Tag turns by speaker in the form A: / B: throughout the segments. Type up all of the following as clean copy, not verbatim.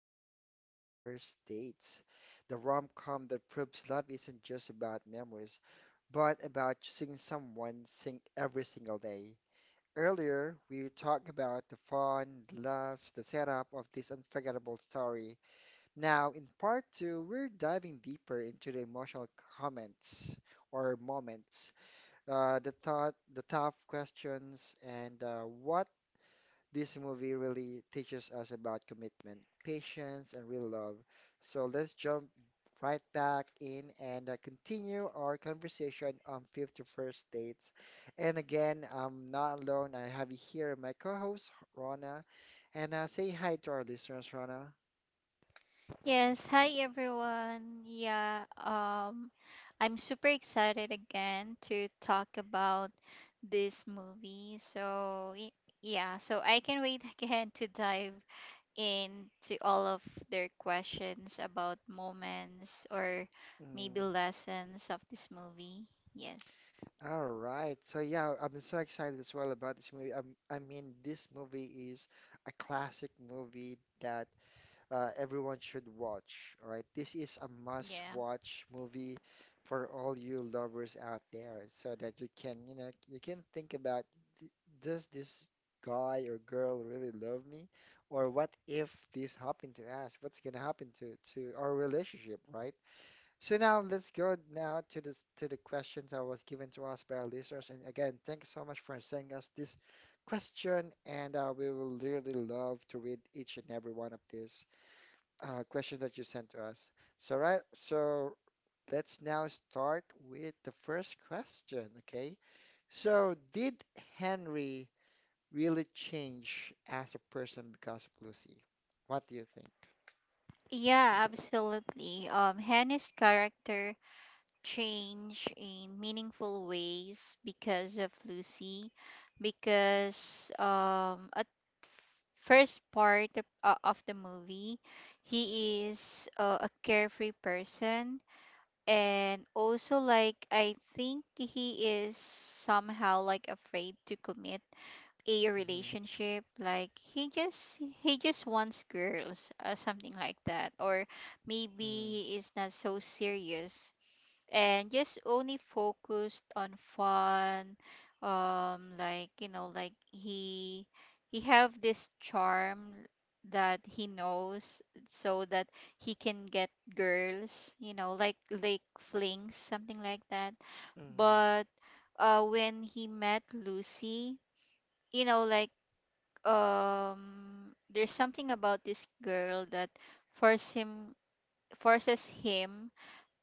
A: on 51st Dates, the rom-com that proves love isn't just about memories, but about choosing someone sing every single day. Earlier, we talked about the fun, the laughs, the setup of this unforgettable story. Now, in part two, we're diving deeper into the emotional comments or moments, the thought, the tough questions, and what this movie really teaches us about commitment, patience, and real love. So let's jump right back in and continue our conversation on 51st dates. And again, I'm not alone. I have here my co-host Rona, and say hi to our listeners, Rona.
B: Yes, hi everyone. Yeah, I'm super excited again to talk about this movie. So, yeah, so I can wait again to dive into all of their questions about moments or maybe
A: Mm.
B: lessons of this movie. Yes.
A: All right. So yeah, I'm so excited as well about this movie. I mean, this movie is a classic movie that everyone should watch. All right. This is a
B: Yeah.
A: must-watch movie for all you lovers out there so that you can, you know, you can think about, "D- does this guy or girl really love me? Or what if this happened to us? What's gonna happen to our relationship," right? So now let's go now to this to the questions that was given to us by our listeners. And again, thank you so much for sending us this question. And we will really love to read each and every one of these questions that you sent to us. So right, so let's now start with the first question. Okay. So did Henry really change as a person because of Lucy? What do you think?
B: Yeah, absolutely. Hannah's character change in meaningful ways because of Lucy, because at first part of the movie he is a carefree person, and also, like, I think he is somehow, like, afraid to commit a
A: Hmm.
B: relationship, like he just wants girls, something like that. Or maybe
A: Hmm.
B: he is not so serious and just only focused on fun. Like, like, he have this charm that he knows, so that he can get girls, you know, like, flings, something like that.
A: Hmm.
B: But when he met Lucy, you know like there's something about this girl that force him forces him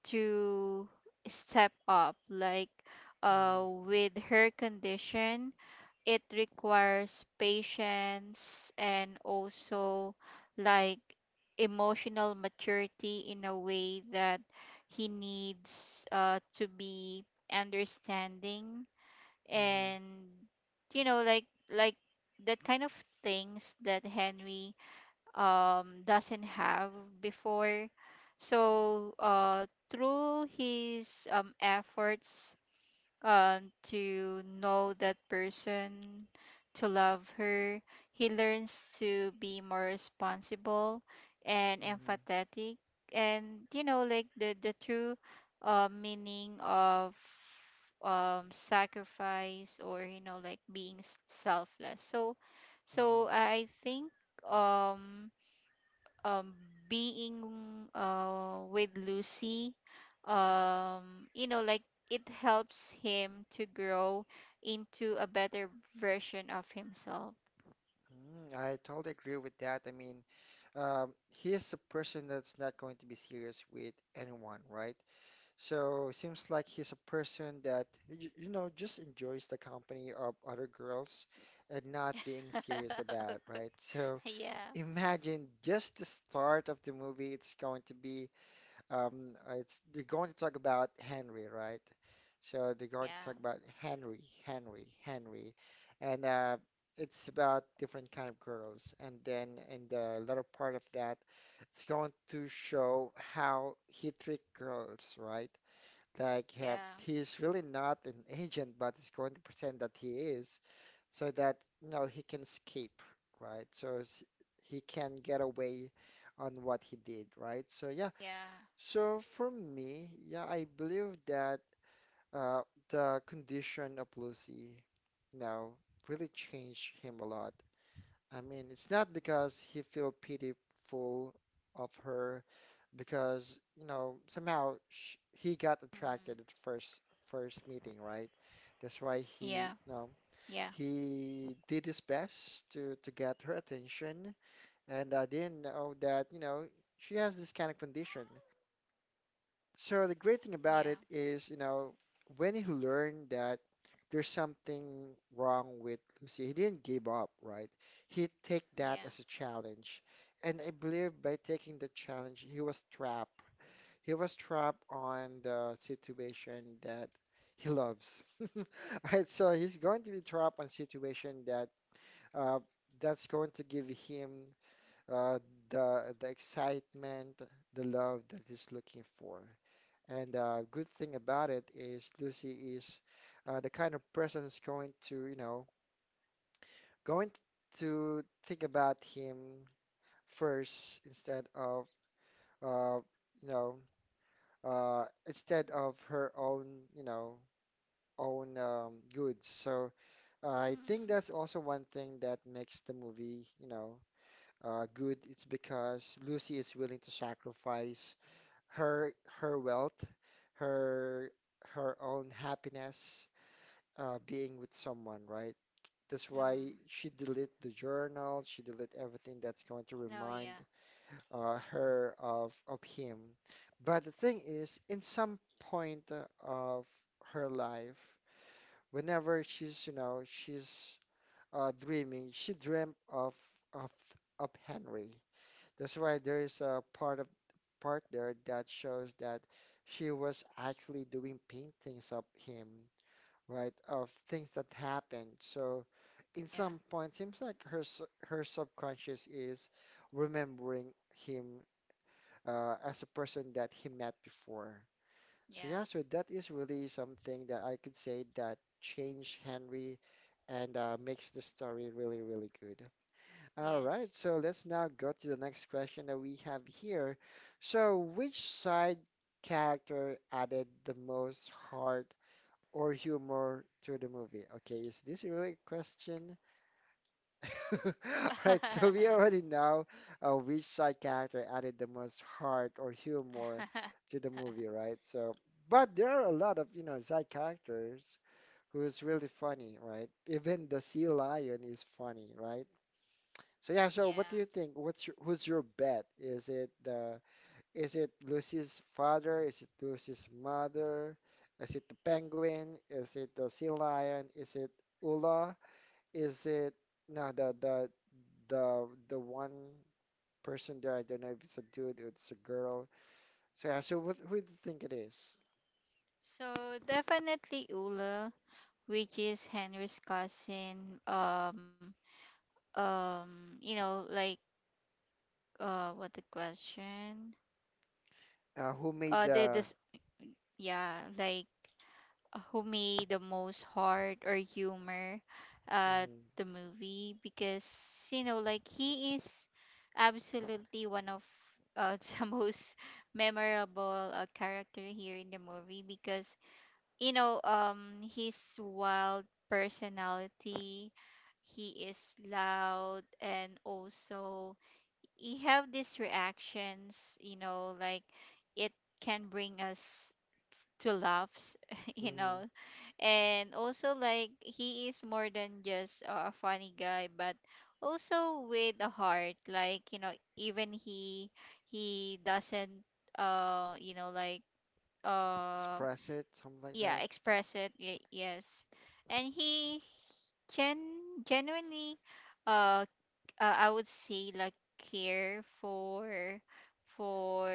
B: to step up, like, with her condition. It requires patience and also, like, emotional maturity in a way that he needs, to be understanding,
A: Hmm.
B: and, you know, like, like that kind of things that Henry doesn't have before. So through his efforts, uh, to know that person, to love her, he learns to be more responsible and
A: Hmm.
B: empathetic. And, you know, like, the true meaning of, sacrifice, or, you know, like, being selfless. So,
A: Hmm.
B: I think, um um being with Lucy, um you know like it helps him to grow into a better version of himself.
A: Mm, I totally agree with that. I mean, he's a person that's not going to be serious with anyone, right? So it seems like he's a person that, you know, just enjoys the company of other girls and not being serious about it, right? So
B: Yeah,
A: imagine just the start of the movie, it's going to be it's they're going to talk about Henry, right? So they're
B: yeah,
A: going to talk about Henry, Henry, Henry, and it's about different kind of girls. And then in the latter part of that, it's going to show how he treat girls, right? Like
B: yeah,
A: he's really not an agent, but he's going to pretend that he is, so that you know he can escape, right? He can get away on what he did, right? So yeah.
B: yeah,
A: So for me, yeah, I believe that uh, the condition of Lucy, you know, really changed him a lot. I mean, it's not because he feel pitiful of her, because you know somehow sh he
B: mm,
A: got attracted at first first meeting, right? That's
B: yeah,
A: why he, you
B: yeah,
A: know, he did his best to get her attention, and I didn't know that, you know, she has this kind of condition. So the great
B: yeah,
A: thing about it is, you know, when he learned that there's something wrong with Lucy, he didn't give up, right? He take
B: yeah.
A: that as a challenge. And I believe by taking the challenge, he was trapped. He was trapped on the situation that he loves. All right? So he's going to be trapped on situation that uh, that's going to give him, uh, the excitement, the love that he's looking for. And good thing about it is Lucy is the kind of person who's going to, you know, going to think about him first instead of, uh, you know, instead of her own, you know, own goods. So I
B: Mm,
A: think that's also one thing that makes the movie, you know, good. It's because Lucy is willing to sacrifice her her wealth, her her own happiness being with someone, right? That's
B: um,
A: why she delete the journal, she delete everything that's going to
B: no,
A: remind
B: yeah,
A: her of him. But the thing is, in some point of her life, whenever she's, you know, she's dreaming, she dreamt of of Henry. That's why there is a part of part there that shows that she was actually doing paintings of him, right, of things that happened. So, in
B: yeah,
A: some point, seems like her subconscious is remembering him as a person that he met before. So
B: yeah,
A: yeah, so that is really something that I could say that changed Henry and makes the story really, really good. All
B: yes.
A: right, so let's now go to the next question that we have here. So, which side character added the most heart or humor to the movie? Okay, is this really a question? All right, so we already know which side character added the most heart or humor to the movie, right? So, but there are a lot of, you know, side characters who is really funny, right? Even the sea lion is funny, right? So yeah, so
B: Yeah.
A: what do you think? What's your, who's your bet? Is it Lucy's father? Is it Lucy's mother? Is it the penguin? Is it the sea lion? Is it Ula? Is it, no, the the one person there? I don't know if it's a dude or it's a girl. So yeah, so what, who do you think it is?
B: So definitely Ula, which is Henry's cousin. You know, like, what the question?
A: Who made
B: The this
A: the
B: Yeah, like, who made the most heart or humor at
A: mm-hmm.
B: the movie? Because, you know, like, he is absolutely one of, the most memorable, character here in the movie. Because, you know, his wild personality, he is loud, and also he have these reactions, you know, like, it can bring us to laughs you
A: Mm-hmm.
B: know and also, like, he is more than just a funny guy, but also with a heart, like, you know, even he doesn't, uh you know like uh
A: Express it? Something like
B: yeah,
A: that.
B: express it, yes. And he gen genuinely, uh, c- I would say, like, care for, for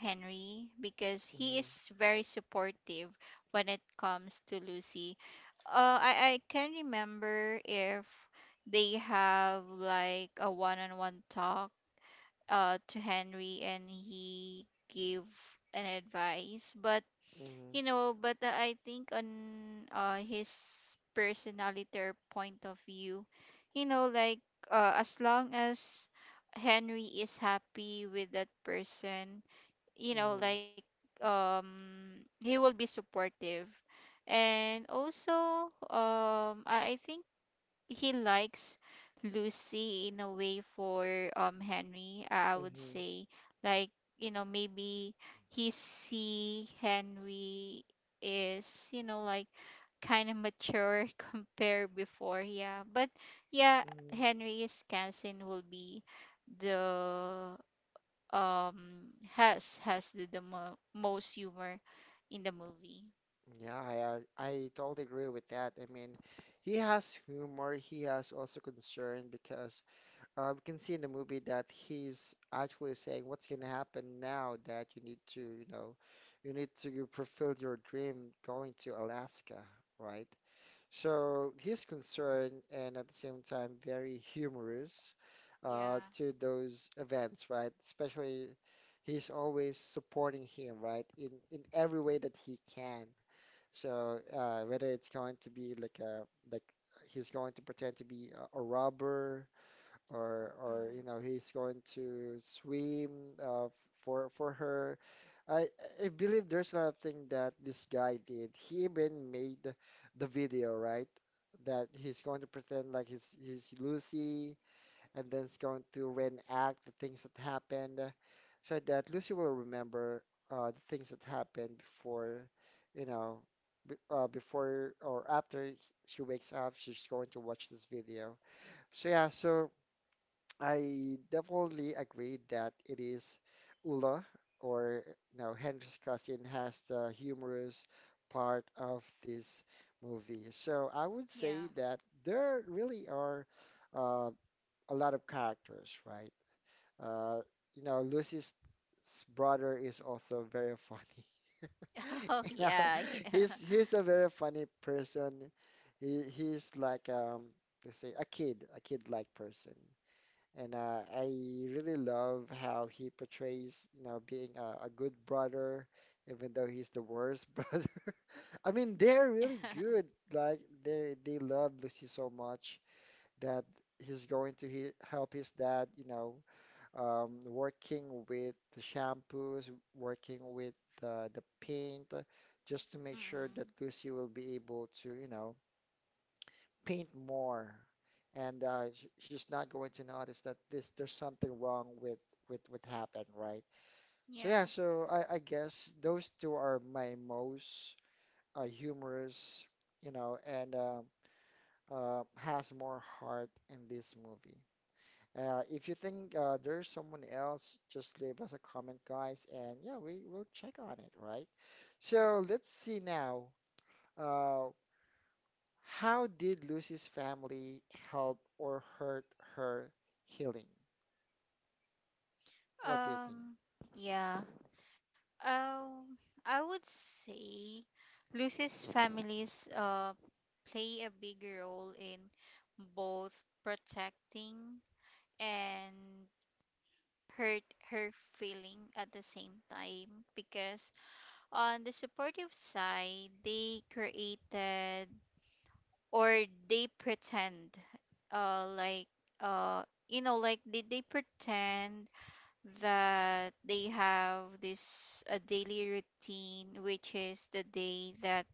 B: Henry, because he
A: Mm-hmm.
B: is very supportive when it comes to Lucy. I can remember if they have like a one-on-one talk to Henry, and he give an advice. But,
A: Mm-hmm.
B: you know, but I think on his personality or point of view, you know, like, as long as Henry is happy with that person, you know,
A: Mm-hmm.
B: like, he will be supportive. And also, I think he likes Lucy in a way for Henry, I would
A: Mm-hmm.
B: say. Like, you know, maybe he see Henry is, you know, like, kind of mature compared before, yeah. But yeah,
A: Mm-hmm.
B: Henry's cousin will be the, has, the, most humor in the movie.
A: Yeah, I totally agree with that. I mean, he has humor, he has also concern because we can see in the movie that he's actually saying what's going to happen now that you need to, you know, you need to fulfill your dream going to Alaska, right? So he's concerned and at the same time very humorous
B: Yeah.
A: to those events, right? Especially he's always supporting him, right? In every way that he can. So whether it's going to be like a like he's going to pretend to be a robber or
B: Hmm.
A: you know he's going to swim uh, for her. I I believe there's a lot of thing that this guy did. He even made the video, right? That he's going to pretend like he's Lucy and then it's going to reenact the things that happened so that Lucy will remember the things that happened before, you know, b before or after she wakes up, she's going to watch this video. So yeah, so I definitely agree that it is Ula or you know Henry's cousin has the humorous part of this movie. So I would say
B: Yeah.
A: that there really are. Uh, a lot of characters, right? Uh, you know, Lucy's brother is also very funny.
B: Oh
A: You know,
B: yeah, yeah.
A: he's a very funny person. He he's like, let's say a kid, a kid-like person. And I really love how he portrays, you know, being a good brother, even though he's the worst brother. I mean, they're really good. Like they love Lucy so much that he's going to he help his dad, you know, working with the shampoos, working with the paint, just to make sure
B: Mm,
A: that Lucy will be able to, you know, paint more. And she's not going to notice that this there's something wrong with what happened, right? So
B: yeah.
A: yeah, so I guess those two are my most humorous, you know, and has more heart in this movie. If you think there's someone else, just leave us a comment, guys, and yeah, we will check on it, right? So let's see now. Uh, how did Lucy's family help or hurt her healing? What do you think?
B: Um, yeah. Um, I would say Lucy's families play a big role in both protecting and hurt her feeling at the same time. Because on the supportive side, they created, or they pretend, like uh you know like did they pretend that they have this a daily routine, which is the day that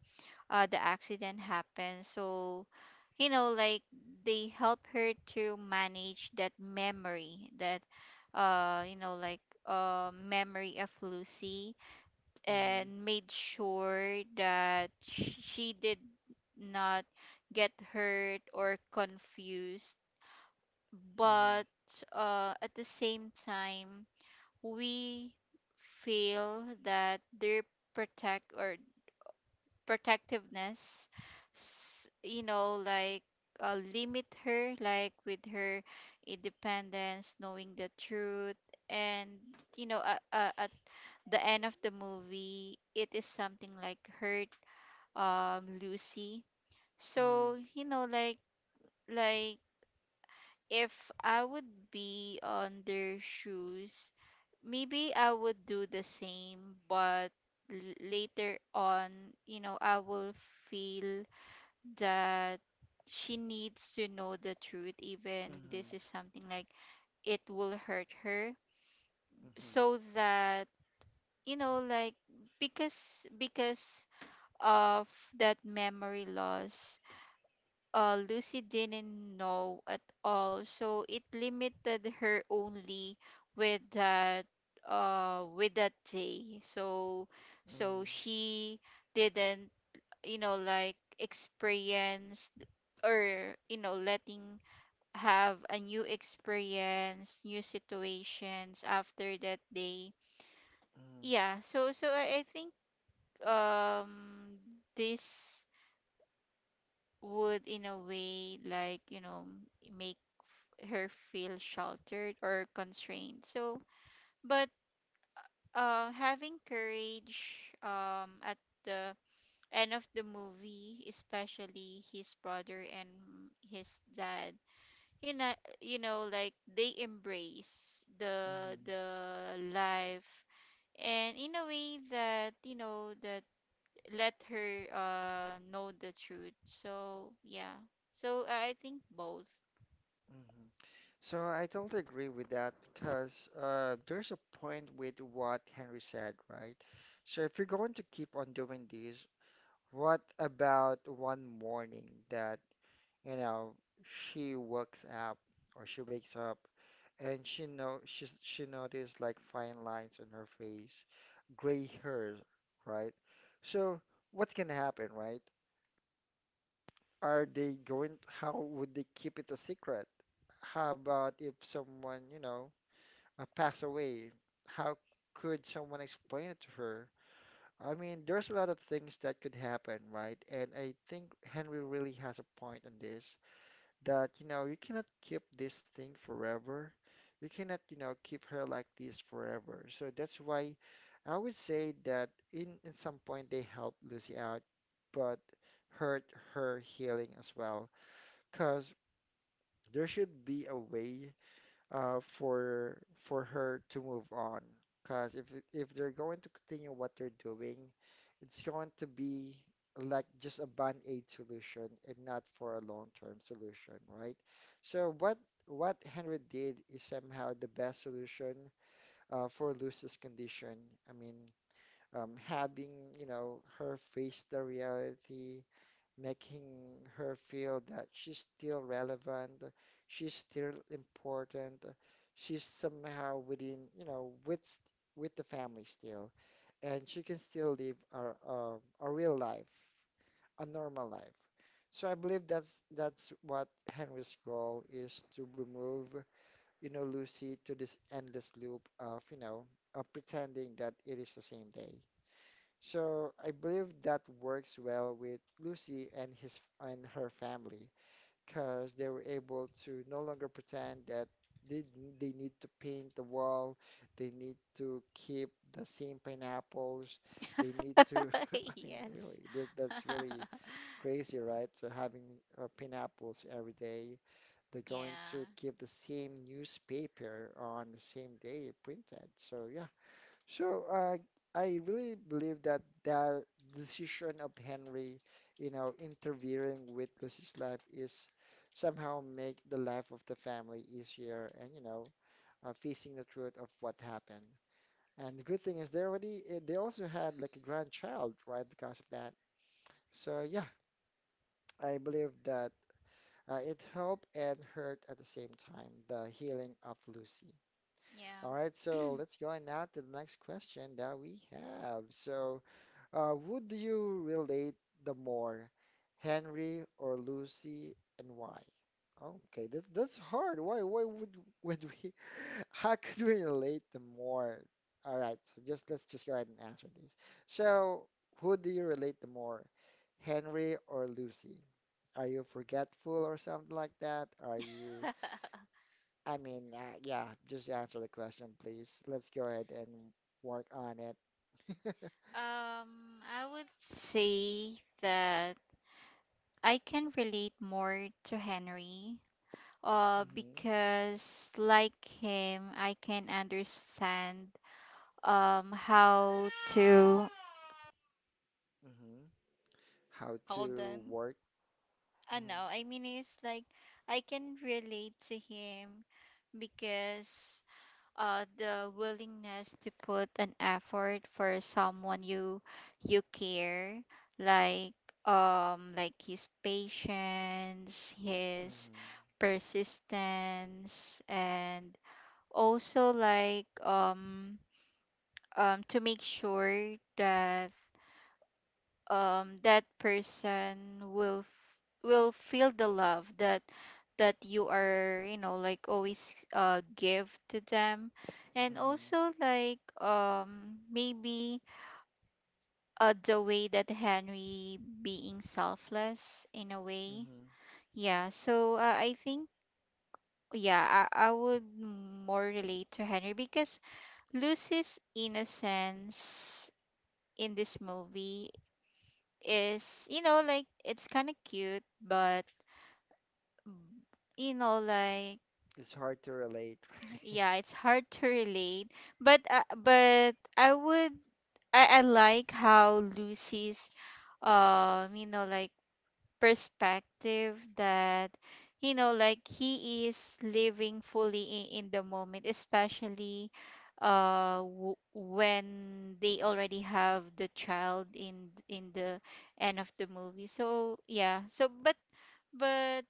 B: the accident happened. So, you know, like, they help her to manage that memory, that, uh you know like memory of Lucy,
A: Mm-hmm.
B: and made sure that she did not get hurt or confused.
A: Mm-hmm.
B: But at the same time, we feel that their protect or protectiveness, you know, like, limit her, like, with her independence, knowing the truth. And, you know, at the end of the movie, it is something like hurt Lucy. So, you know, like, like if I would be on their shoes, maybe I would do the same. But later on, you know, I will feel that she needs to know the truth, even
A: Mm-hmm.
B: this is something like it will hurt her.
A: Mm-hmm.
B: So that, you know, like, because of that memory loss, Lucy didn't know at all. So it limited her only with that, with that day. So,
A: Mm-hmm.
B: she didn't, you know, like, experience or, you know, letting have a new experience, new situations after that day.
A: Mm-hmm.
B: Yeah, so, I think um this would, in a way, like, you know, make her feel sheltered or constrained. So, but having courage at the end of the movie, especially his brother and his dad, you know, you know, like, they embrace the
A: Mm-hmm.
B: life, and in a way that, you know, that let her know the truth. So yeah, so I think both.
A: Mm-hmm. So I totally agree with that because there's a point with what Henry said, right? So if you're going to keep on doing this, what about one morning that, you know, she wakes up she wakes up and she know she noticed like fine lines on her face, gray hair, right? So what's gonna happen, right? Are they going, how would they keep it a secret? How about if someone, you know, pass away? How could someone explain it to her? I mean, there's a lot of things that could happen, right? And I think Henry really has a point on this that, you know, you cannot keep this thing forever. You cannot, you know, keep her like this forever. So that's why I would say that in some point they helped Lucy out, but hurt her healing as well. Because there should be a way for her to move on. Because if they're going to continue what they're doing, it's going to be like just a band aid solution and not for a long-term solution, right? So what Henry did is somehow the best solution for Lucy's condition. I mean, having her face the reality, making her feel that she's still relevant, she's still important, she's somehow within, you know, with with the family still, and she can still live a real life, a normal life. So I believe that's what Henry's goal is: to remove, you know, Lucy to this endless loop of, you know, of pretending that it is the same day. So I believe that works well with Lucy and his and her family because they were able to no longer pretend that they, they need to paint the wall, they need to keep the same pineapples, they need to, I mean,
B: Yes.
A: really, that's really crazy, right? So having pineapples every day, they're going to
B: Yeah.
A: keep the same newspaper on the same day printed. So yeah. So I really believe that the decision of Henry, you know, interfering with Lucy's life is somehow make the life of the family easier and, you know, facing the truth of what happened. And the good thing is they already they also had like a grandchild, right, because of that. So yeah, I believe that it helped and hurt at the same time, the healing of Lucy.
B: Yeah.
A: All right, so let's go on now to the next question that we have. So, would you relate the more, Henry or Lucy, and why? Okay, that's hard. Why would we? How could we relate the more? All right, so just let's just go ahead and answer this. So, who do you relate the more, Henry or Lucy? Are you forgetful or something like that? Are you? I mean, yeah, just answer the question, please. Let's go ahead and work on it.
B: I would say that I can relate more to Henry.
A: hmm
B: Because like him, I can understand how to
A: hmm how
B: hold
A: to
B: on.
A: work.
B: I
A: Mhm,
B: know. I mean, it's like I can relate to him because the willingness to put an effort for someone you care, like, like his patience, his
A: mhm,
B: persistence, and also like, to make sure that that person will will feel the love that, you are, you know, like, always give to them. And
A: mhm,
B: also, like, maybe, the way that Henry being selfless in a way.
A: mhm.
B: Yeah, so, I think, yeah, I would more relate to Henry. Because Lucy's innocence in this movie is, you know, like, it's kind of cute, but, mm, you know, like,
A: It's hard to relate, right?
B: yeah, it's hard to relate. But but I like how Lucy's, you know, like, perspective, that, you know, like, he is living fully in, the moment, especially when they already have the child in, the end of the movie. So yeah, so but, But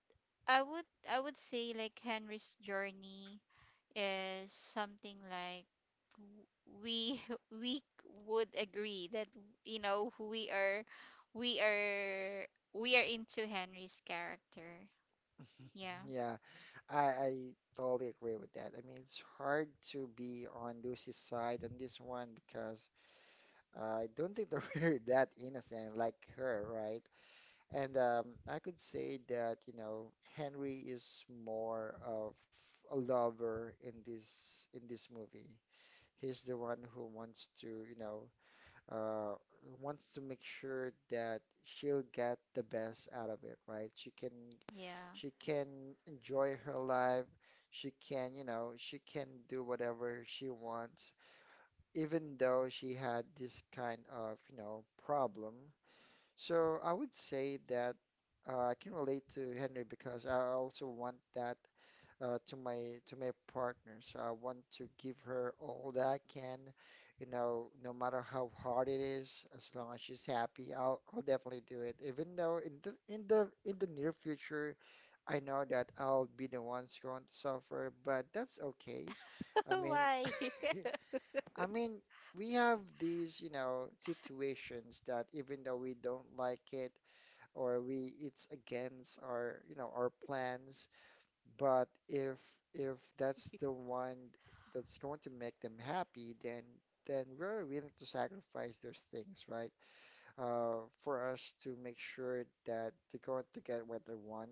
B: I would say, like, Henry's journey is something like w- we we would agree that, you know, we are we are into Henry's character. Yeah.
A: Yeah, I totally agree with that. I mean, it's hard to be on Lucy's side on this one because I don't think that we're that innocent like her, right? And I could say that, you know, Henry is more of a lover in this movie. He's the one who wants to, you know, uh, wants to make sure that she'll get the best out of it, right?
B: Yeah.
A: She can enjoy her life. She can, you know, she can do whatever she wants, even though she had this kind of, you know, problem. So I would say that I can relate to Henry because I also want that to my partner. So I want to give her all that I can, you know, no matter how hard it is, as long as she's happy, I'll definitely do it. Even though in the near future, I know that I'll be the ones going to suffer, but that's okay. I mean,
B: Why?
A: I mean, we have these, you know, situations that even though we don't like it or we it's against our, you know, our plans, but if that's the one that's going to make them happy, then we're willing to sacrifice those things, right? For us to make sure that they're going to get what they want,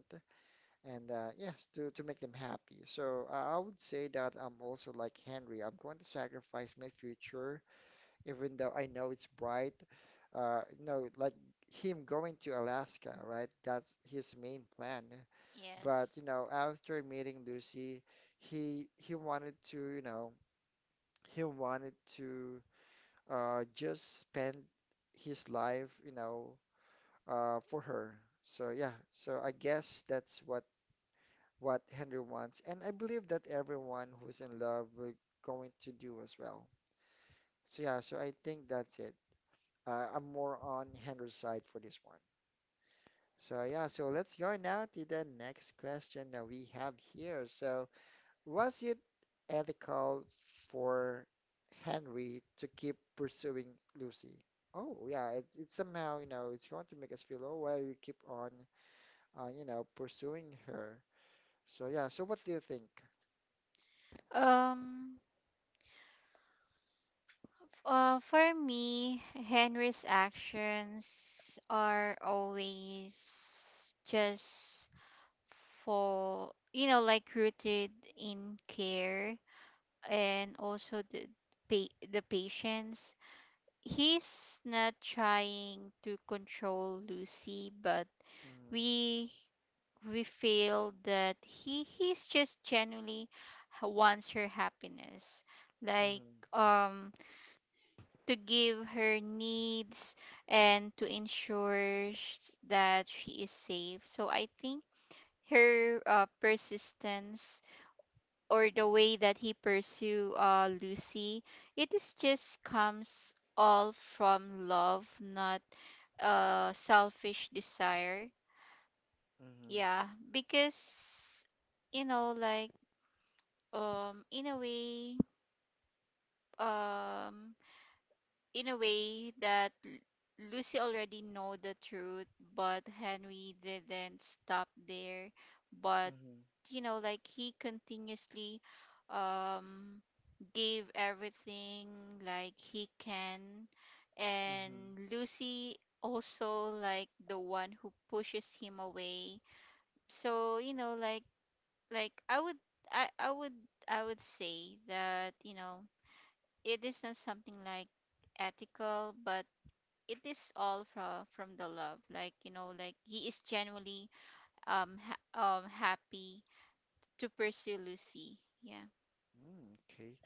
A: and yes, to make them happy. So I would say that I'm also like Henry. I'm going to sacrifice my future, even though I know it's bright. No, like him going to Alaska, right? That's his main plan.
B: Yes.
A: But you know, after meeting Lucy, he wanted to, you know, he wanted to just spend his life, you know, for her. So yeah, so I guess that's what Henry wants, and I believe that everyone who's in love will going to do as well. So yeah, so I think that's it. I'm more on Henry's side for this one. So yeah, so let's go now to the next question that we have here. So, was it ethical for Henry to keep pursuing Lucy? Oh, yeah, it's somehow, you know, it's going to make us feel, oh, why you keep on, you know, pursuing her? So, yeah, so what do you think?
B: Um, for me, Henry's actions are always just, for you know, like, rooted in care, and also the the patience. He's not trying to control Lucy, but
A: Mm,
B: we, feel that he's just genuinely wants her happiness, like,
A: mhm,
B: um to give her needs, and to ensure that she is safe. So I think her, persistence, or the way that he pursue, Lucy, it is just comes all from love, not, selfish desire.
A: mhm,
B: Yeah, because, you know, like, um, in a way, um, in a way that Lucy already know the truth, but Henry didn't stop there. But,
A: mhm,
B: you know, like, he continuously um gave everything, like, he can,
A: mhm.
B: and Lucy also like the one who pushes him away. So, you know, like, I, I would I would say that, you know, it is not something like ethical, but it is all from, the love. Like, you know, like, he is genuinely happy to pursue Lucy, yeah.
A: Mm, okay,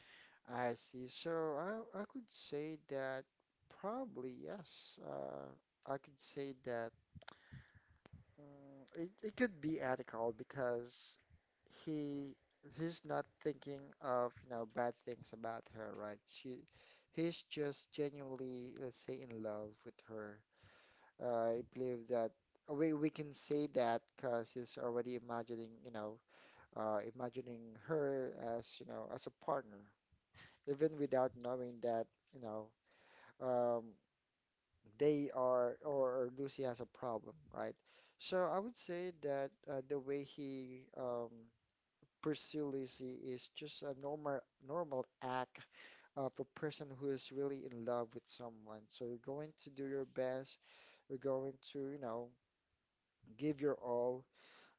A: I see. So, I could say that probably, yes, I could say that. Mm, it could be ethical because he he's not thinking of, you know, bad things about her, right? She he's just genuinely, let's say, in love with her. I believe that we can say that because he's already imagining, you know, imagining her as, you know, as a partner, even without knowing that, you know, um, they are or Lucy has a problem, right? So I would say that the way he pursue Lucy is just a normal act of a person who is really in love with someone. So you're going to do your best, you're going to, you know, give your all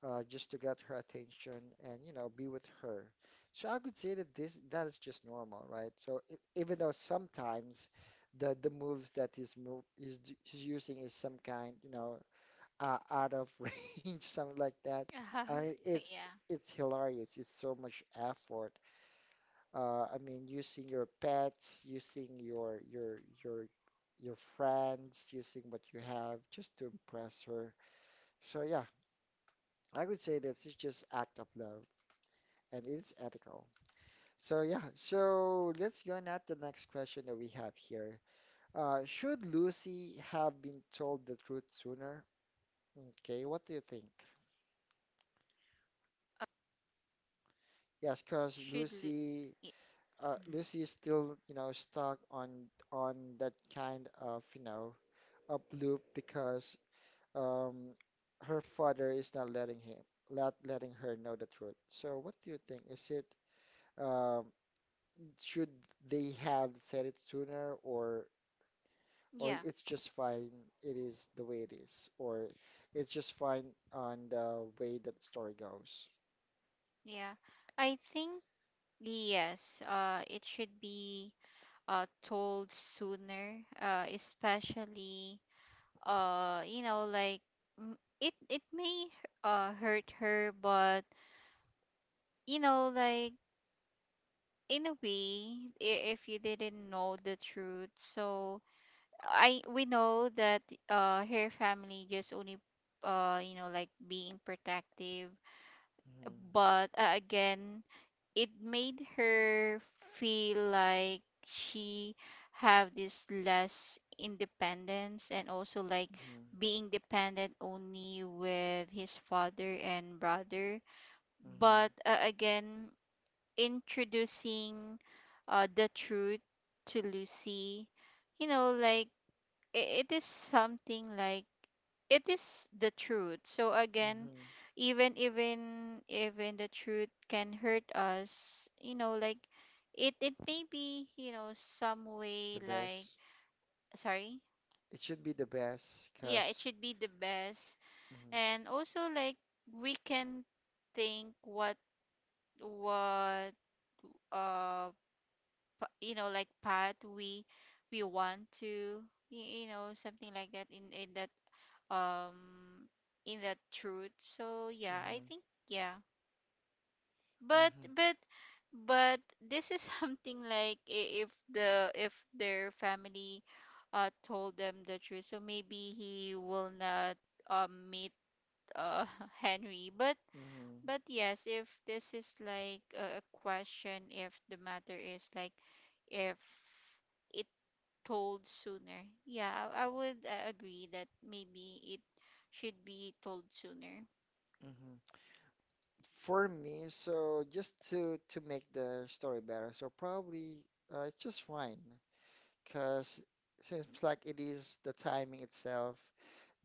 A: just to get her attention and you know be with her. So I could say that this that is just normal, right? So it, even though sometimes the moves that he's using is some kind you know out of range, something like that.
B: uh,
A: I
B: yeah,
A: it's hilarious. It's so much effort. I mean, using your pets, using your friends, using what you have just to impress her. So yeah, I could say that it's just act of love. And it is ethical. So yeah, so let's go on at the next question that we have here. Should Lucy have been told the truth sooner? Okay, what do you think? Yes, because
B: should y- mhm.
A: Lucy is still, you know, stuck on that kind of, you know, up loop because um, her father is not letting him, letting her know the truth. So what do you think? Is it um, should they have said it sooner, or
B: Yeah,
A: it's just fine, it is the way it is, or it's just fine on the way that the story goes.
B: yeah, I think yes, it should be told sooner, especially, uh you know like mm, it, may hurt her, but, you know, like, in a way, if you didn't know the truth. So, I we know that her family just only, you know, like, being protective.
A: Hmm.
B: But again, it made her feel like she have this less independence, and also, like,
A: Hmm.
B: being dependent only with his father and brother.
A: Hmm.
B: But again, introducing, the truth to Lucy, you know, like, it is something like, it is the truth. So again,
A: Hmm.
B: even even even the truth can hurt us. You know, like, it, may be, you know, some way
A: The
B: like,
A: best.
B: sorry.
A: It should be the best
B: Yeah, it
A: because
B: should be the best.
A: hmm.
B: And also, like, we can think what, what um you know, like, path we, want to you know, something like that, in, that um in that truth. So yeah, I
A: Hmm.
B: think, yeah. but
A: Hmm.
B: but but this is something like, if the, if their family told them the truth, so maybe he will not meet uh Henry. but
A: Hmm.
B: but yes, if this is like a, question, if the matter is like, if, it told sooner. Yeah, I would agree that maybe it should be told sooner.
A: Hmm. For me, so just to make the story better, so probably it's just fine because since like it is the timing itself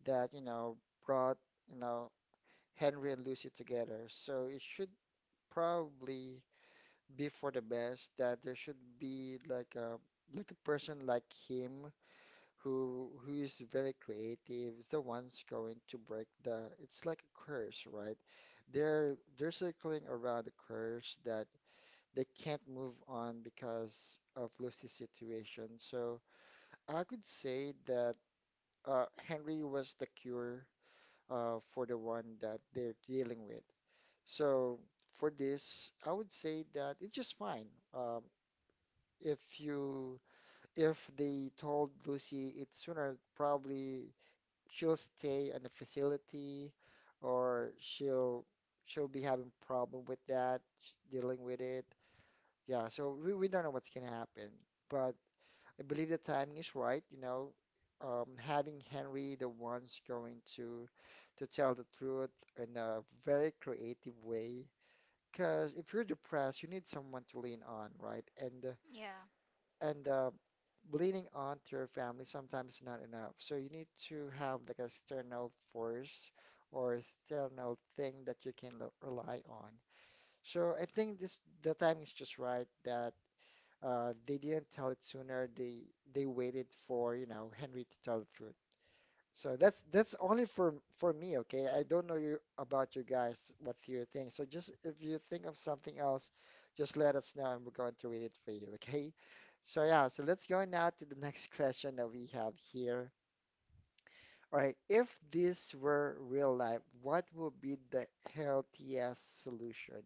A: that you know brought you know Henry and Lucy together. So it should probably be for the best that there should be like a person like him who is very creative is the ones going to break the it's like a curse, right? They're circling around the curse that they can't move on because of Lucy's situation. So I could say that Henry was the cure for the one that they're dealing with. So for this, I would say that it's just fine. Um, if you if they told Lucy it sooner, probably she'll stay in the facility, or she'll be having problem with that, dealing with it. Yeah, so we don't know what's gonna happen, but I believe the timing is right. You know, having Henry the one's going to tell the truth in a very creative way because if you're depressed, you need someone to lean on, right?
B: Yeah.
A: And leaning on to your family sometimes is not enough. So you need to have like a external force or external thing that you can rely on. So I think this the time is just right that they didn't tell it sooner. They waited for, you know, Henry to tell the truth. So that's only for me, okay? I don't know you about you guys, what's your thing. So just if you think of something else, just let us know and we're going to read it for you, okay? So yeah, so let's go now to the next question that we have here. All right, if this were real life, what would be the healthiest solution?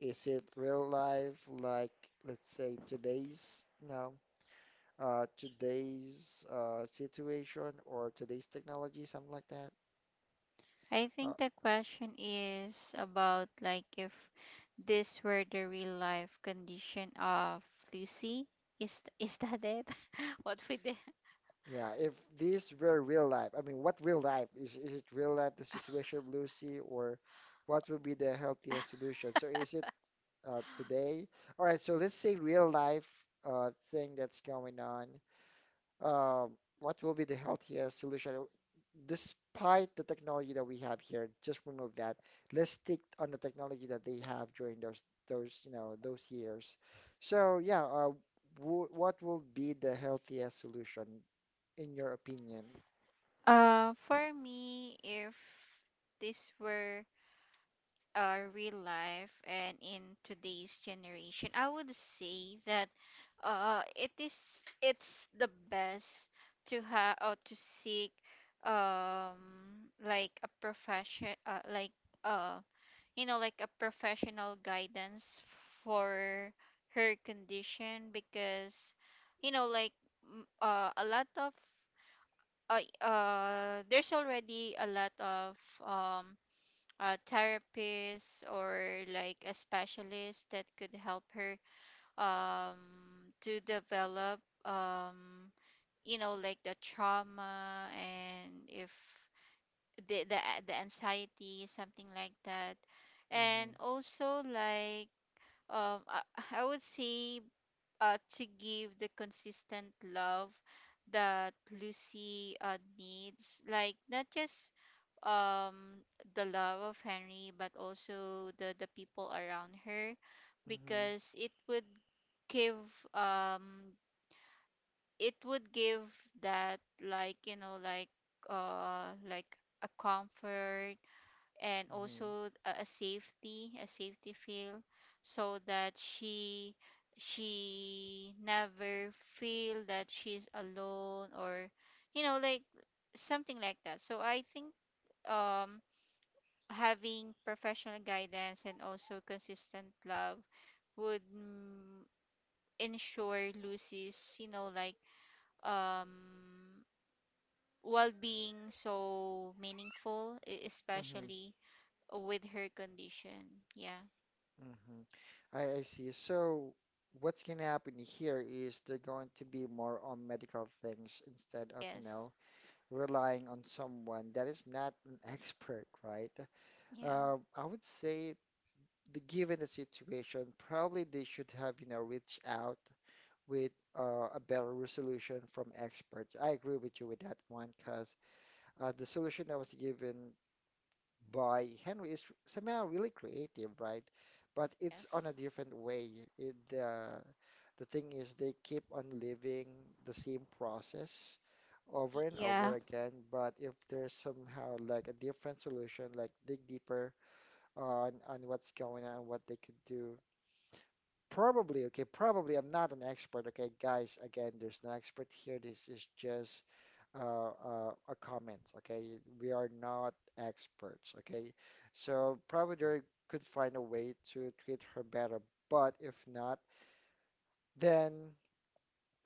A: Is it real life like let's say today's, you know, today's situation or today's technology, something like that?
B: I think
A: Uh,
B: the question is about, like, if this were the real life condition of Lucy. Is, that it? What we did.
A: Yeah, if these were real life, I mean, what real life? Is it real life, the situation of Lucy, or what would be the healthiest solution? So is it today? All right, so let's say real life thing that's going on, um, what will be the healthiest solution despite the technology that we have here? Just remove that. Let's stick on the technology that they have during those you know those years. So yeah, w what will be the healthiest solution in your opinion?
B: For me, if this were real life and in today's generation, I would say that it's the best to have or to seek like a profession, like uh like a professional guidance for her condition. Because you know like a lot of there's already a lot of um a therapist or like a specialist that could help her um to develop, um the trauma, and if the the, the anxiety, something like that.
A: Mm-hmm.
B: And also like um i, I would say, to give the consistent love that Lucy needs, like not just um the love of Henry but also the people around her,
A: Mm-hmm.
B: because it would give, um it would give that, like you know like a comfort, and
A: Mm-hmm.
B: also a safety, a safety feel, so that she never feel that she's alone, or you know like something like that. So I think, um having professional guidance and also consistent love would, ensure Lucy's, you know, like, um well-being so meaningful, e-
A: Mm-hmm.
B: especially with her condition. Yeah.
A: Mm-hmm. I see. So what's gonna happen here is they're going to be more on medical things instead of
B: Yes.
A: relying on someone that is not an expert, right?
B: Yeah.
A: I would say the given the situation, probably they should have, reached out with a better resolution from experts. I agree with you with that one because the solution that was given by Henry is somehow really creative, right? But it's
B: Yes.
A: on a different way. It, The thing is, they keep on living the same process
B: Y-
A: over and
B: Yeah.
A: over again. But if there's somehow like a different solution, like dig deeper on what's going on, what they could do. Probably, okay, probably I'm not an expert, okay, guys. Again, there's no expert here. This is just a comment, okay? We are not experts, okay? So probably they could find a way to treat her better, but if not, then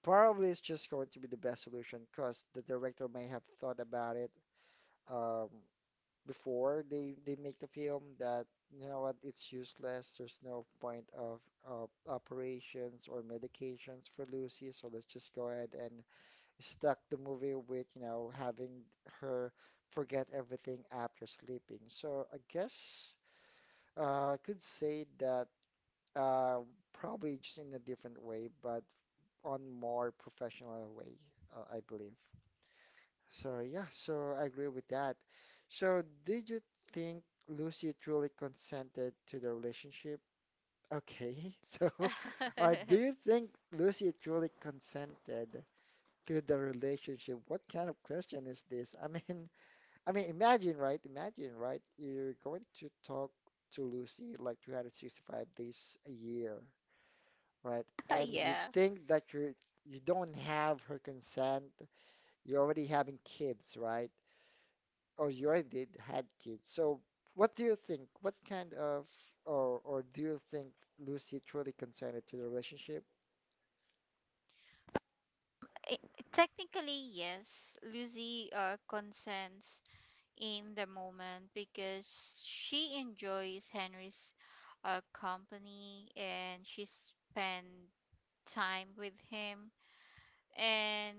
A: probably it's just going to be the best solution because the director may have thought about it. Um, Before they make the film that, you know what, it's useless, there's no point of operations or medications for Lucy, so let's just go ahead and stuck the movie with, you know, having her forget everything after sleeping. So I guess I could say that uh, probably just in a different way but on more professional way. I believe so, yeah, so I agree with that. So did you think Lucy truly consented to the relationship? Okay, so do you think Lucy truly consented to the relationship? What kind of question is this? I mean, I mean, imagine, right? Imagine, right? You're going to talk to Lucy like 365 days a year, right? And you
B: yeah.
A: think that you don't have her consent. You're already having kids, right? Oh, you already did had kids. So, what do you think? Or do you think Lucy truly consented to the relationship?
B: Eh, technically, yes. Lucy consents in the moment because she enjoys Henry's company and she spend time with him. And,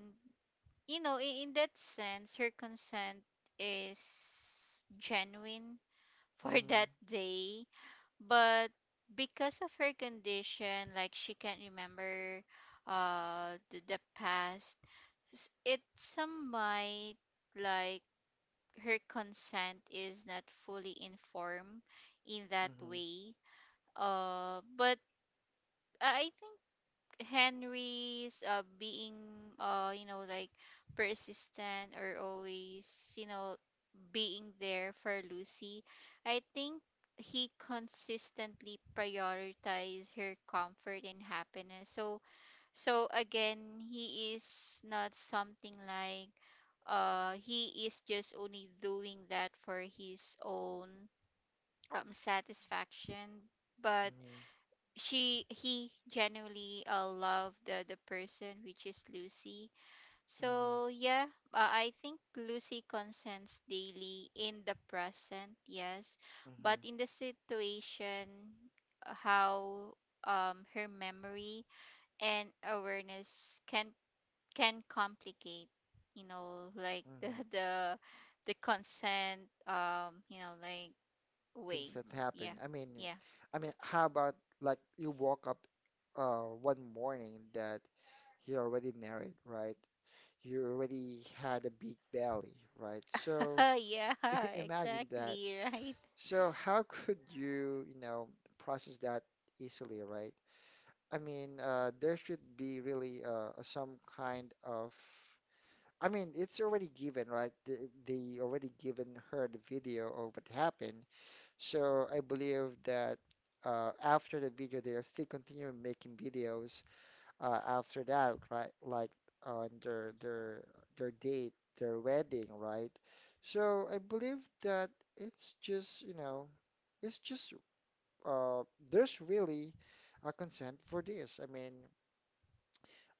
B: you know, in that sense, her consent is genuine for
A: Mm.
B: that day. But because of her condition, like she can't remember the past, s- it some might, like, her consent is not fully informed in that
A: Mm-hmm.
B: way. But I think Henry's being you know like persistent, or always, you know, being there for Lucy. I think he consistently prioritized her comfort and happiness. So, so again, he is not something like, he is just only doing that for his own satisfaction. But
A: Mm-hmm.
B: she, he genuinely loved the person, which is Lucy.
A: Mm-hmm.
B: So yeah, I think Lucy consents daily in the present, yes,
A: Mm-hmm.
B: but in the situation, how her memory and awareness can complicate, you know, like, the
A: Mm-hmm.
B: the consent, um you know like
A: Things
B: way.
A: that happen.
B: Yeah. Yeah.
A: I mean, how about like you woke up, one morning that you're already married, right? You already had a big belly, right? So
B: yeah.
A: imagine that.
B: Exactly, right.
A: So how could you, you know, process that easily, right? I mean, there should be really some kind of. I mean, it's already given, right? They already given her the video of what happened. So I believe that after the video, they'll still continue making videos after that, right? Like on their their date, their wedding, right? So I believe that it's just, you know, it's just uh, there's really a consent for this. I mean,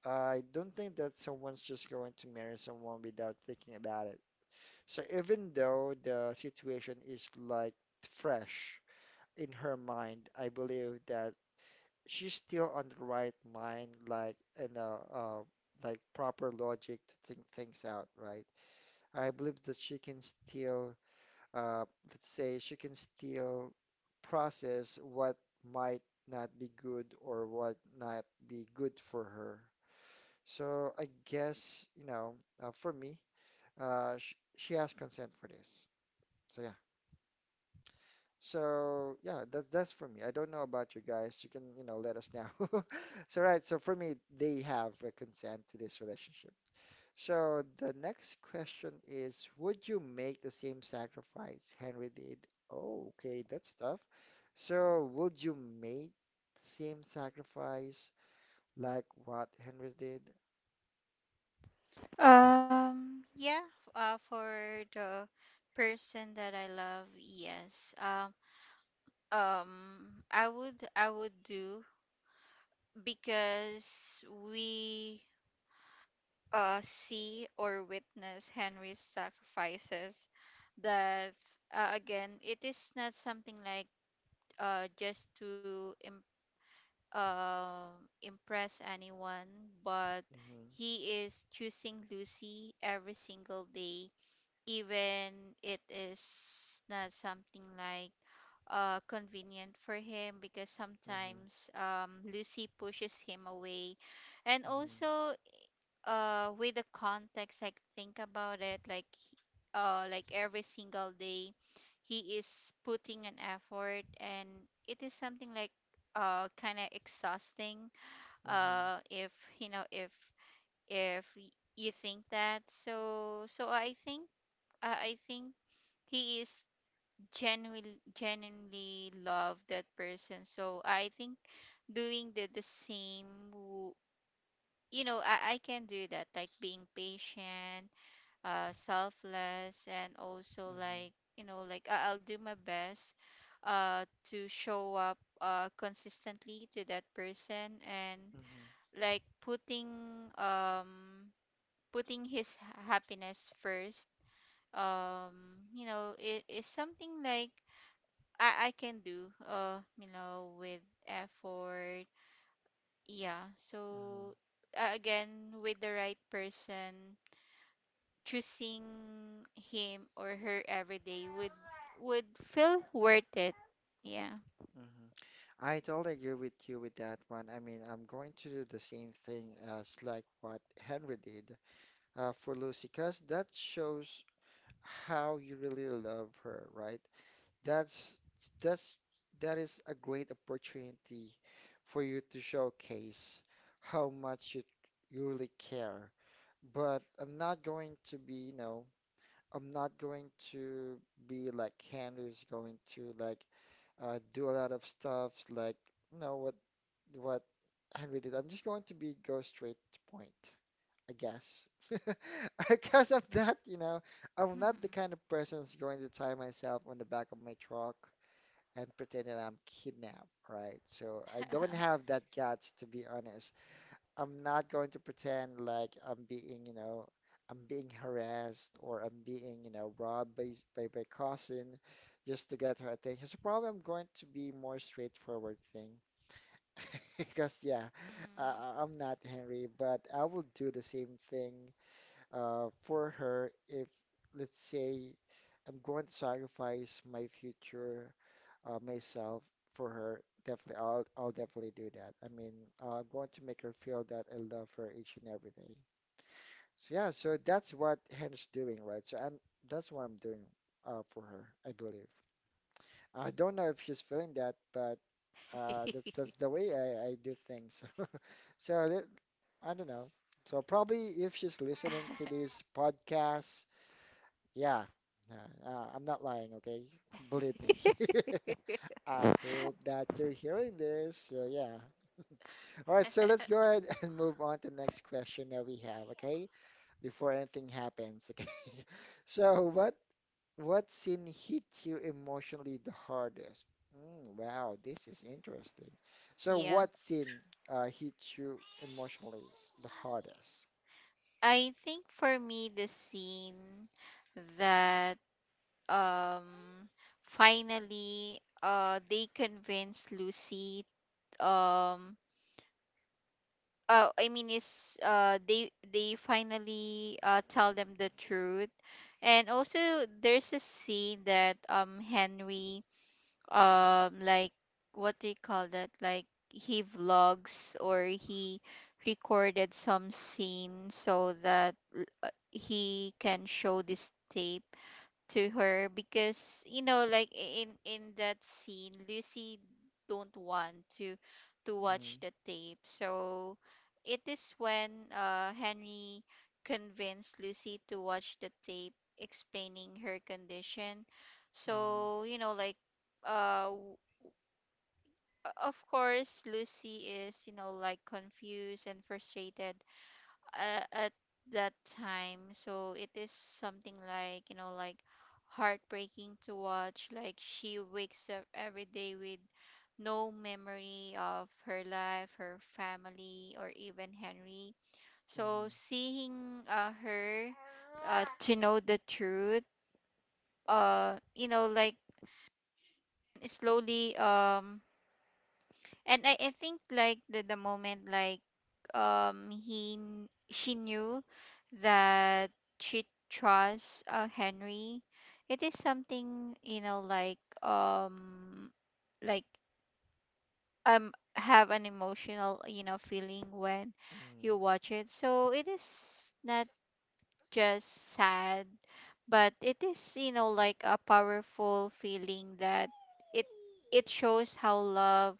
A: I don't think that someone's just going to marry someone without thinking about it. So even though the situation is like fresh in her mind, I believe that she's still on the right mind, like in a like proper logic to think things out, right? I believe that she can still, uh, let's say, she can still process what might not be good or what not be good for her. So I guess, you know, for me, sh she has consent for this. So yeah. So yeah, that's for me. I don't know about you guys. You can, you know, let us know. So right. So for me, they have a consent to this relationship. So the next question is, would you make the same sacrifice Henry did? Oh, okay, that's tough. So would you make the same sacrifice like what Henry did?
B: yeah, for the person that I love, yes. Um I would do, because we see or witness Henry's sacrifices. That, again, it is not something like, uh, just to im- uh, impress anyone, but
A: Hmm.
B: he is choosing Lucy every single day, even it is not something like convenient for him, because
A: Hmm.
B: sometimes, Lucy pushes him away. And
A: Hmm.
B: also, with the context, like, think about it. Like, like every single day, he is putting an effort, and it is something like kind of exhausting,
A: Hmm.
B: if you know if y- you think that. So, so I think, I think he is genuinely love that person. So I think doing the same, w- I can do that, like being patient, selfless, and also,
A: Mhm.
B: like, you know, like, I- I'll do my best uh, to show up consistently to that person, and
A: Mhm.
B: like putting, um, putting his happiness first. You know, it is something like I can do, you know, with effort. Yeah.
A: Mhm.
B: So again, with the right person, choosing him or her every day would feel worth it. Yeah.
A: Mhm. I totally agree with you with that one. I mean, I'm going to do the same thing as like what Henry did for Lucy, because that shows how you really love her, right? That's that's that is a great opportunity for you to showcase how much you really care. But I'm not going to be, you know, I'm not going to be like Henry's going to like do a lot of stuff like, you know what, what Henry did. I'm just going to be go straight to point, I guess. Because of that, you know, I'm not the kind of person who's going to tie myself on the back of my truck and pretend that I'm kidnapped, right? So I don't have that guts, to be honest. I'm not going to pretend like I'm being, you know, I'm being harassed or I'm being, you know, robbed by by my cousin just to get her attention. So probably I'm going to be more straightforward thing because yeah,
B: Mm.
A: I, I'm not Henry, but I will do the same thing for her. If let's say I'm going to sacrifice my future myself for her, definitely, I'll definitely do that. I mean, I'm going to make her feel that I love her each and every day. So yeah, so that's what Hen's doing, right? That's what I'm doing for her, I believe. I don't know if she's feeling that, but that's the way I do things. So let, I don't know. So probably if she's listening to this podcast, yeah, I'm not lying, okay? Believe me. I hope that you're hearing this. So, yeah. All right, so let's go ahead and move on to the next question that we have, okay? Before anything happens, okay? So, what scene hit you emotionally the hardest? Mm, wow, this is interesting. So,
B: yeah.
A: what scene hit you emotionally the hardest?
B: I think for me the scene that um finally they convinced Lucy, um I mean, is they finally tell them the truth. And also there's a scene that Henry, like, what do you call that? Like, he vlogs, or he recorded some scene so that he can show this tape to her, because, you know, like, in that scene Lucy don't want to
A: Mm.
B: watch the tape. So it is when Henry convinced Lucy to watch the tape, explaining her condition.
A: Mm.
B: So, you know, like, uh w- of course Lucy is, you know, like confused and frustrated at that time. So it is something like, you know, like, heartbreaking to watch. Like, she wakes up every day with no memory of her life, her family, or even Henry. So
A: Mm.
B: seeing her to know the truth you know, like, slowly. And I think like the moment like, she knew that she trusts Henry, it is something, you know, like, like have an emotional, you know, feeling when
A: Mm.
B: you watch it. So it is not just sad, but it is, you know, like, a powerful feeling that it it shows how love,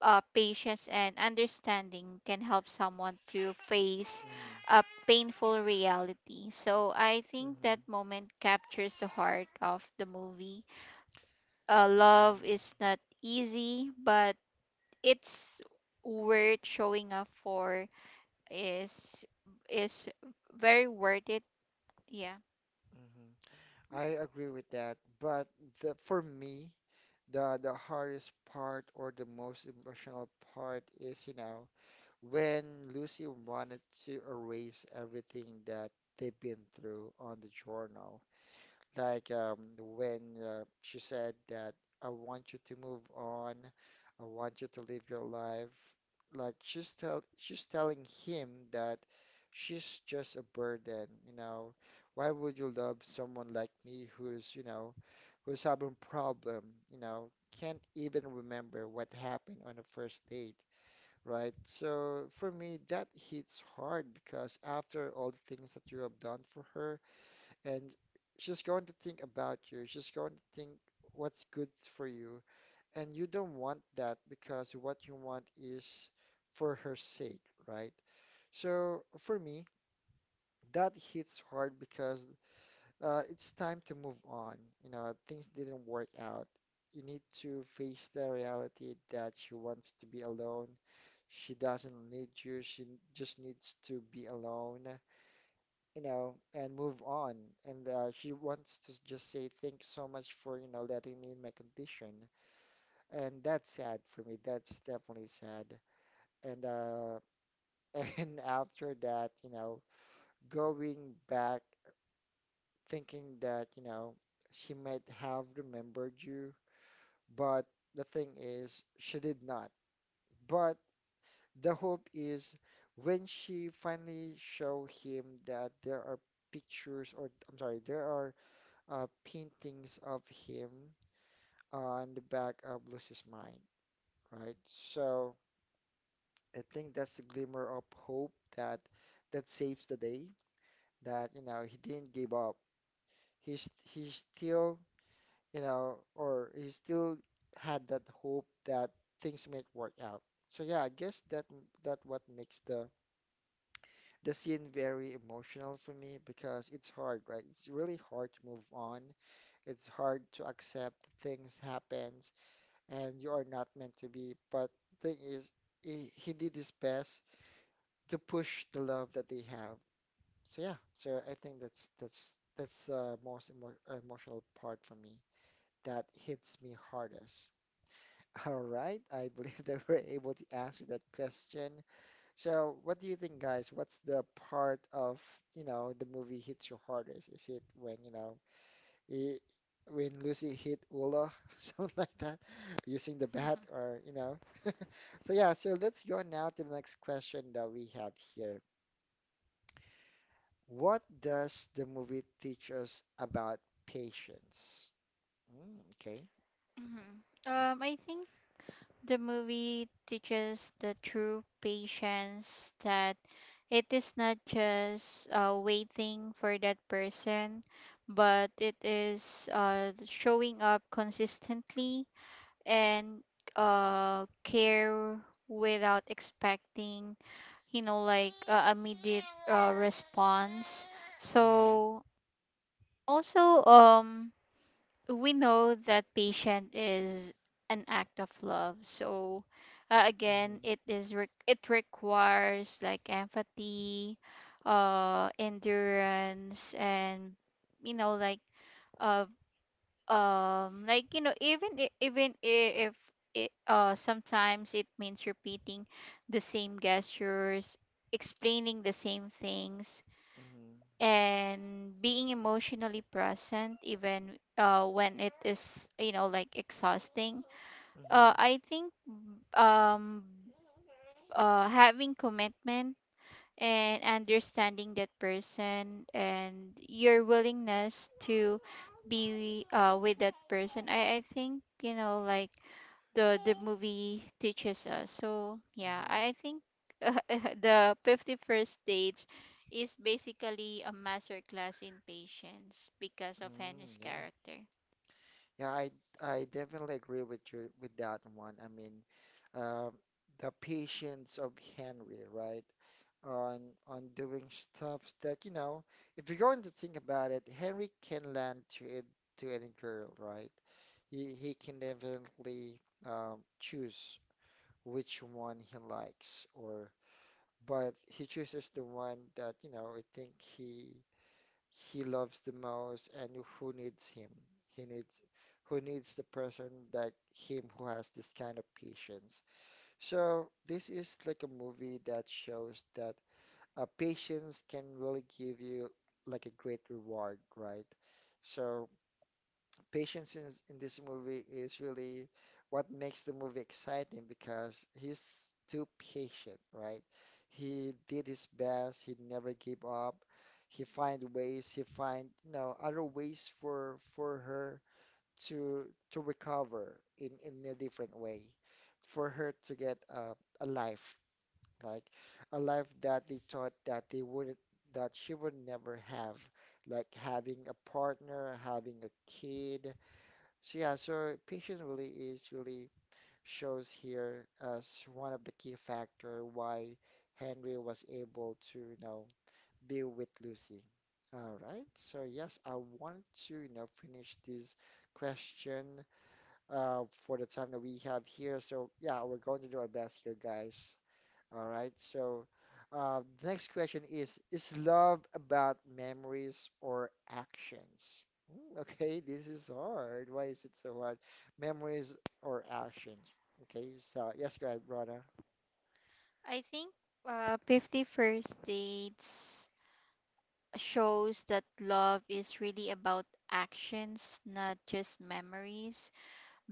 B: patience, and understanding can help someone to face
A: Mm.
B: a painful reality. So I think that
A: Mm.
B: moment captures the heart of the movie. Love is not easy, but it's worth showing up for. Is is very worth it. Yeah.
A: Mm. Mm. I agree with that, but for me, the hardest part or the most emotional part is, you know, when Lucy wanted to erase everything that they've been through on the journal. Like when she said that I want you to move on, I want you to live your life. Like she's telling him that she's just a burden, you know. Why would you love someone like me who's, you know, who's having problem, you know, can't even remember what happened on the first date, right? So for me, that hits hard because after all the things that you have done for her and she's going to think about you. She's going to think what's good for you. And you don't want that because what you want is for her sake, right? So for me, that hits hard because it's time to move on. You know, things didn't work out. You need to face the reality that she wants to be alone. She doesn't need you. She just needs to be alone, you know, and move on. And she wants to just say, thanks so much for, you know, letting me in my condition. And that's sad for me. That's definitely sad. And and after that, you know, going back, thinking that, you know, she might have remembered you, but the thing is, she did not. But the hope is when she finally show him that there are pictures, or I'm sorry, there are paintings of him on the back of Lucy's mind, right? So I think that's the glimmer of hope that saves the day. That you know he didn't give up. He still, you know, or he still had that hope that things might work out. So yeah, I guess that what makes the scene very emotional for me because it's hard, right? It's really hard to move on. It's hard to accept things happens and you are not meant to be. But the thing is, he did his best to push the love that they have. So yeah, so I think that's the most emo emotional part for me that hits me hardest. All right, I believe that we're able to answer that question. So, what do you think, guys? What's the part of, you know, the movie hits you hardest? Is it when, you know, he, when Lucy hit Ula, something like that, using the bat or, you know. So yeah, so let's go now to the next question that we have here. What does the movie teach us about patience? Mm, okay.
B: Mhm. I think the movie teaches the true patience, that it is not just waiting for that person, but it is showing up consistently and care without expecting, you know, like, immediate response.
A: Mm-hmm,
B: So also, we know that patient is an act of love. So
A: mm-hmm,
B: again, it requires like empathy, endurance, and, you know, like, uh you know, even if it, sometimes it means repeating the same gestures, explaining the same things,
A: mm-hmm,
B: and being emotionally present even when it is, you know, like, exhausting.
A: mm-hmm,
B: I think um having commitment and understanding that person and your willingness to be with that person, I think, you know, like, the movie teaches us. So yeah,
A: mm-hmm.
B: I think uh, the 50 First dates is basically a masterclass in patience because of
A: Mm,
B: Henry's
A: yeah.
B: character.
A: Yeah, I definitely agree with you with that one. I mean, uh, the patience of Henry, right? On doing stuff that, you know, if you're going to think about it, Henry can land to it to any girl, right? He can definitely choose which one he likes, or but he chooses the one that, you know, I think he loves the most and who needs him. He needs who needs the person like him who has this kind of patience. So this is like a movie that shows that patience can really give you like a great reward, right? So Patience in, in this movie is really what makes the movie exciting because he's too patient, right? He did his best, he never gave up. He find ways, he find, you know, other ways for her to to recover in a different way, for her to get a life, like a life that they thought that they would that she would never have, like having a partner, having a kid. So yeah, so patience really is really shows here as one of the key factor why Henry was able to, you know, be with Lucy. All right. So yes, I want to, you know, finish this question for the time that we have here. So yeah, we're going to do our best here, guys. All right. So the next question is love about memories or actions? Mm, okay, this is hard. Why is it so hard? Memories or actions? Okay. So, yes, go ahead, Rana.
B: I think 50 First dates shows that love is really about actions, not just memories.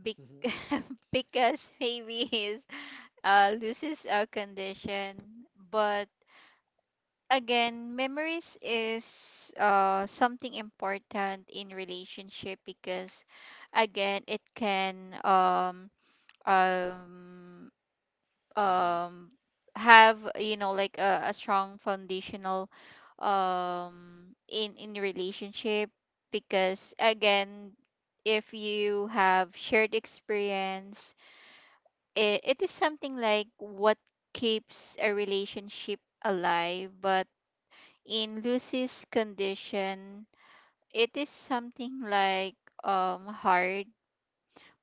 B: Be- because maybe is loses a condition, but again, memories is something important in relationship, because again, it can um
A: Mm-hmm.
B: um have, you know, like a strong foundational in relationship. Because again, if you have shared experience, it is something like what keeps a relationship alive. But in Lucy's condition, it is something like hard.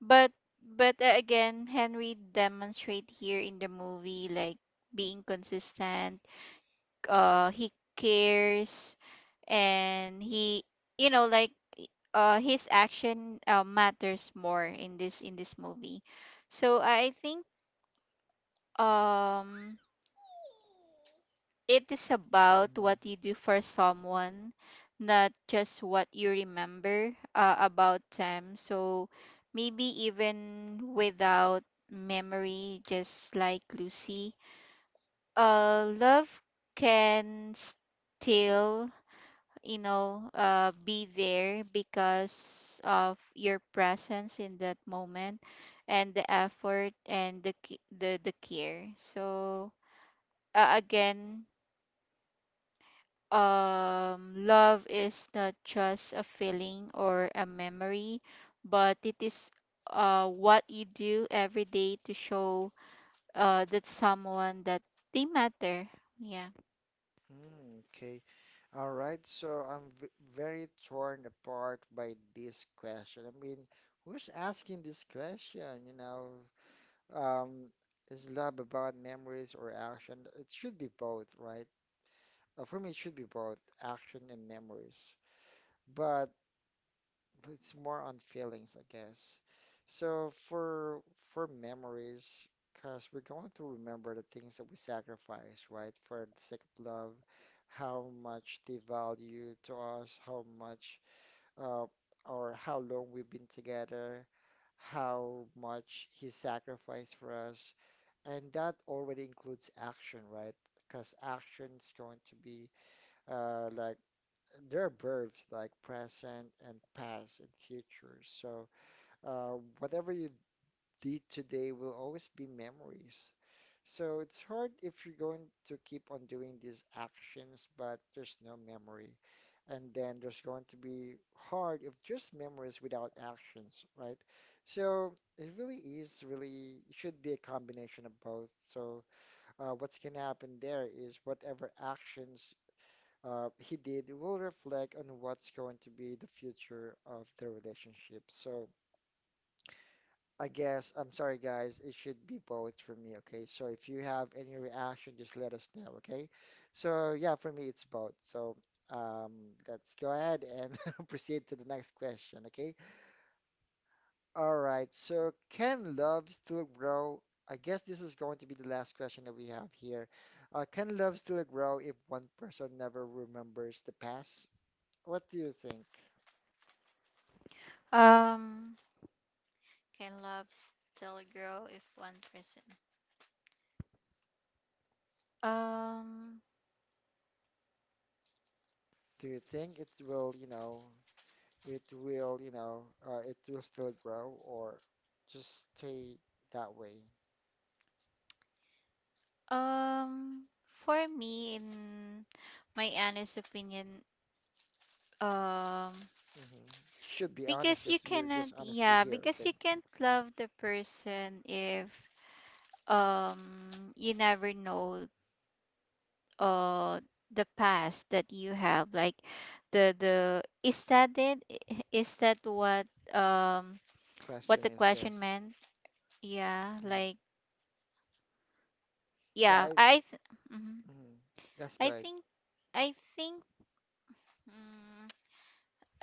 B: but but again, Henry demonstrate here in the movie, like, being consistent. He cares, and he, you know, like, his action matters more in this, in this movie. So I think, um it is about what
A: Mm-hmm.
B: you do for someone, not just what you remember about them. So maybe even without memory, just like Lucy, love can still, you know, be there because of your presence in that moment, and the effort, and the the care. So again, love is not just a feeling or a memory, but it is what you do every day to show that someone that they matter. Yeah.
A: Mm, okay. All right. So I'm v very torn apart by this question. I mean, who's asking this question? Um, is love about memories or action? It should be both, right? For me, it should be both action and memories, but it's more on feelings, I guess. So for memories, because we're going to remember the things that we sacrifice, right? For the sake of love, how much they value to us, how much uh, or how long we've been together, how much he sacrificed for us, and that already includes action, right? Because action is going to be like there are verbs like present and past and future. So whatever you did today will always be memories. So it's hard if you're going to keep on doing these actions, but there's no memory. And then there's going to be hard if just memories without actions, right? So it really is really it should be a combination of both. So what's gonna happen there is whatever actions he did will reflect on what's going to be the future of the relationship. So I guess I'm sorry, guys. It should be both for me, okay? So if you have any reaction, just let us know, okay? So yeah, for me it's both. So um, let's go ahead and proceed to the next question, okay? All right. So can love still grow? I guess this is going to be the last question that we have here. Can love still grow if one person never remembers the past? What do you think?
B: Um. Can love still grow if one person? Um.
A: Do you think it will, you know, it will, you know, it will still grow or just stay that way?
B: Um. For me, in my honest opinion, um,
A: Hmm. Should be honest,
B: because you
A: yes, we're
B: cannot,
A: just honesty
B: yeah,
A: here,
B: because
A: okay?
B: you can't love the person if um you never know uh the past that you have, like, the is that it? I- is that what, um what
A: Question
B: the
A: is
B: question
A: yes.
B: meant? Yeah,
A: Mm.
B: like,
A: Yeah,
B: yeah,
A: I,
B: mhm.
A: mm, that's
B: I
A: good.
B: think, I think, mm,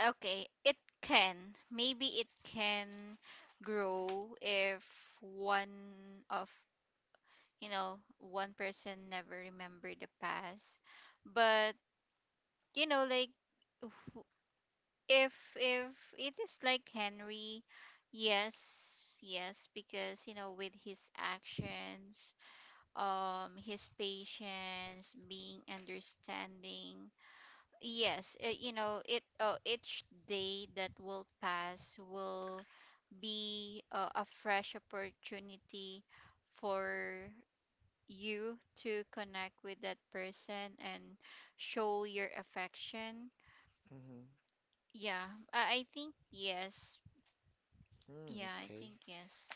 B: okay, it can, maybe it can grow if one of, you know, one person never remember the past. But, you know, like, wh- if it is like Henry, yes, yes, because, you know, with his actions, his patience, being understanding. Yes, you know, it, each day that will pass will be a fresh opportunity for you to connect with that person and show your affection.
A: Hmm.
B: Yeah, I think yes.
A: Mm,
B: Yeah, I
A: okay.
B: think yes.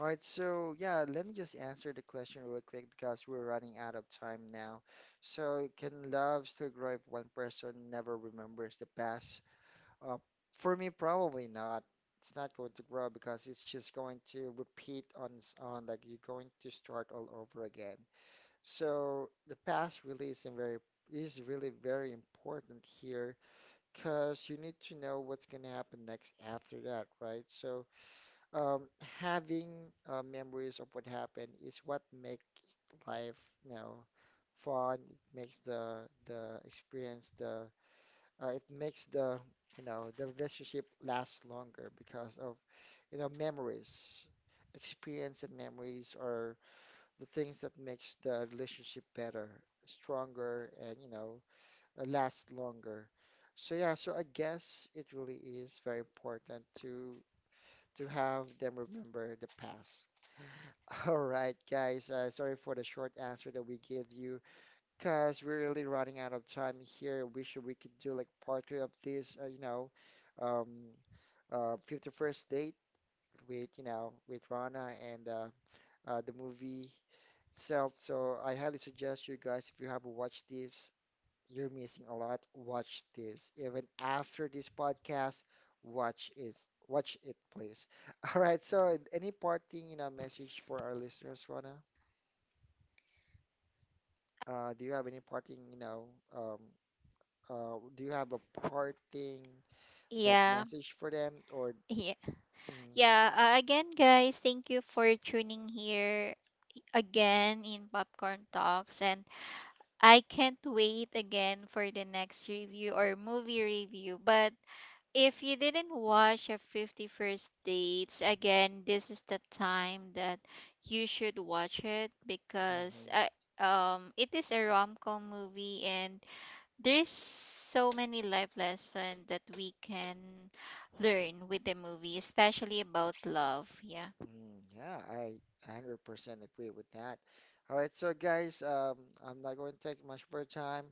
A: All right, so yeah, let me just answer the question really quick because we're running out of time now. So, can love still grow if one person never remembers the past? Uh, for me, probably not. It's not going to grow because it's just going to repeat on on, like, you're going to start all over again. So the past really is in very is really very important here because you need to know what's going to happen next after that, right? So um, having memories of what happened is what make life, you know, fun. It makes the experience the it makes the, you know, the relationship last longer because of, you know, memories. Experience and memories are the things that makes the relationship better, stronger, and, you know, last longer. So yeah, so I guess it really is very important to have them remember the past. All right, guys. Sorry for the short answer that we gave you because we're really running out of time here. Wish we could do like part two of this, um, 51st date with, you know, with Rana and the movie itself. So I highly suggest you guys, if you haven't watched this, you're missing a lot. Watch this. Even after this podcast, watch it. Watch it, please. All right. So any parting, you know, message for our listeners, Rana? Do you have any parting, you know, um, uh, do you have a parting, like,
B: Yeah,
A: message for them or
B: yeah,
A: mm,
B: yeah. Again, guys, thank you for tuning here again in Popcorn Talks, and I can't wait again for the next review or movie review. But if you didn't watch a 50 First Dates, again, this is the time that you should watch it, because
A: hmm
B: I, it is a rom com movie, and there's so many life lessons that we can learn with the movie, especially about love. Yeah.
A: mm, yeah, I 100% agree with that. All right, so guys, I'm not going to take much of your time.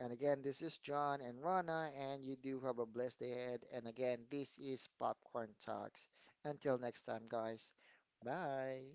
A: And again, this is John and Rana, and you do have a blessed day ahead. And again, this is Popcorn Talks. Until next time, guys. Bye.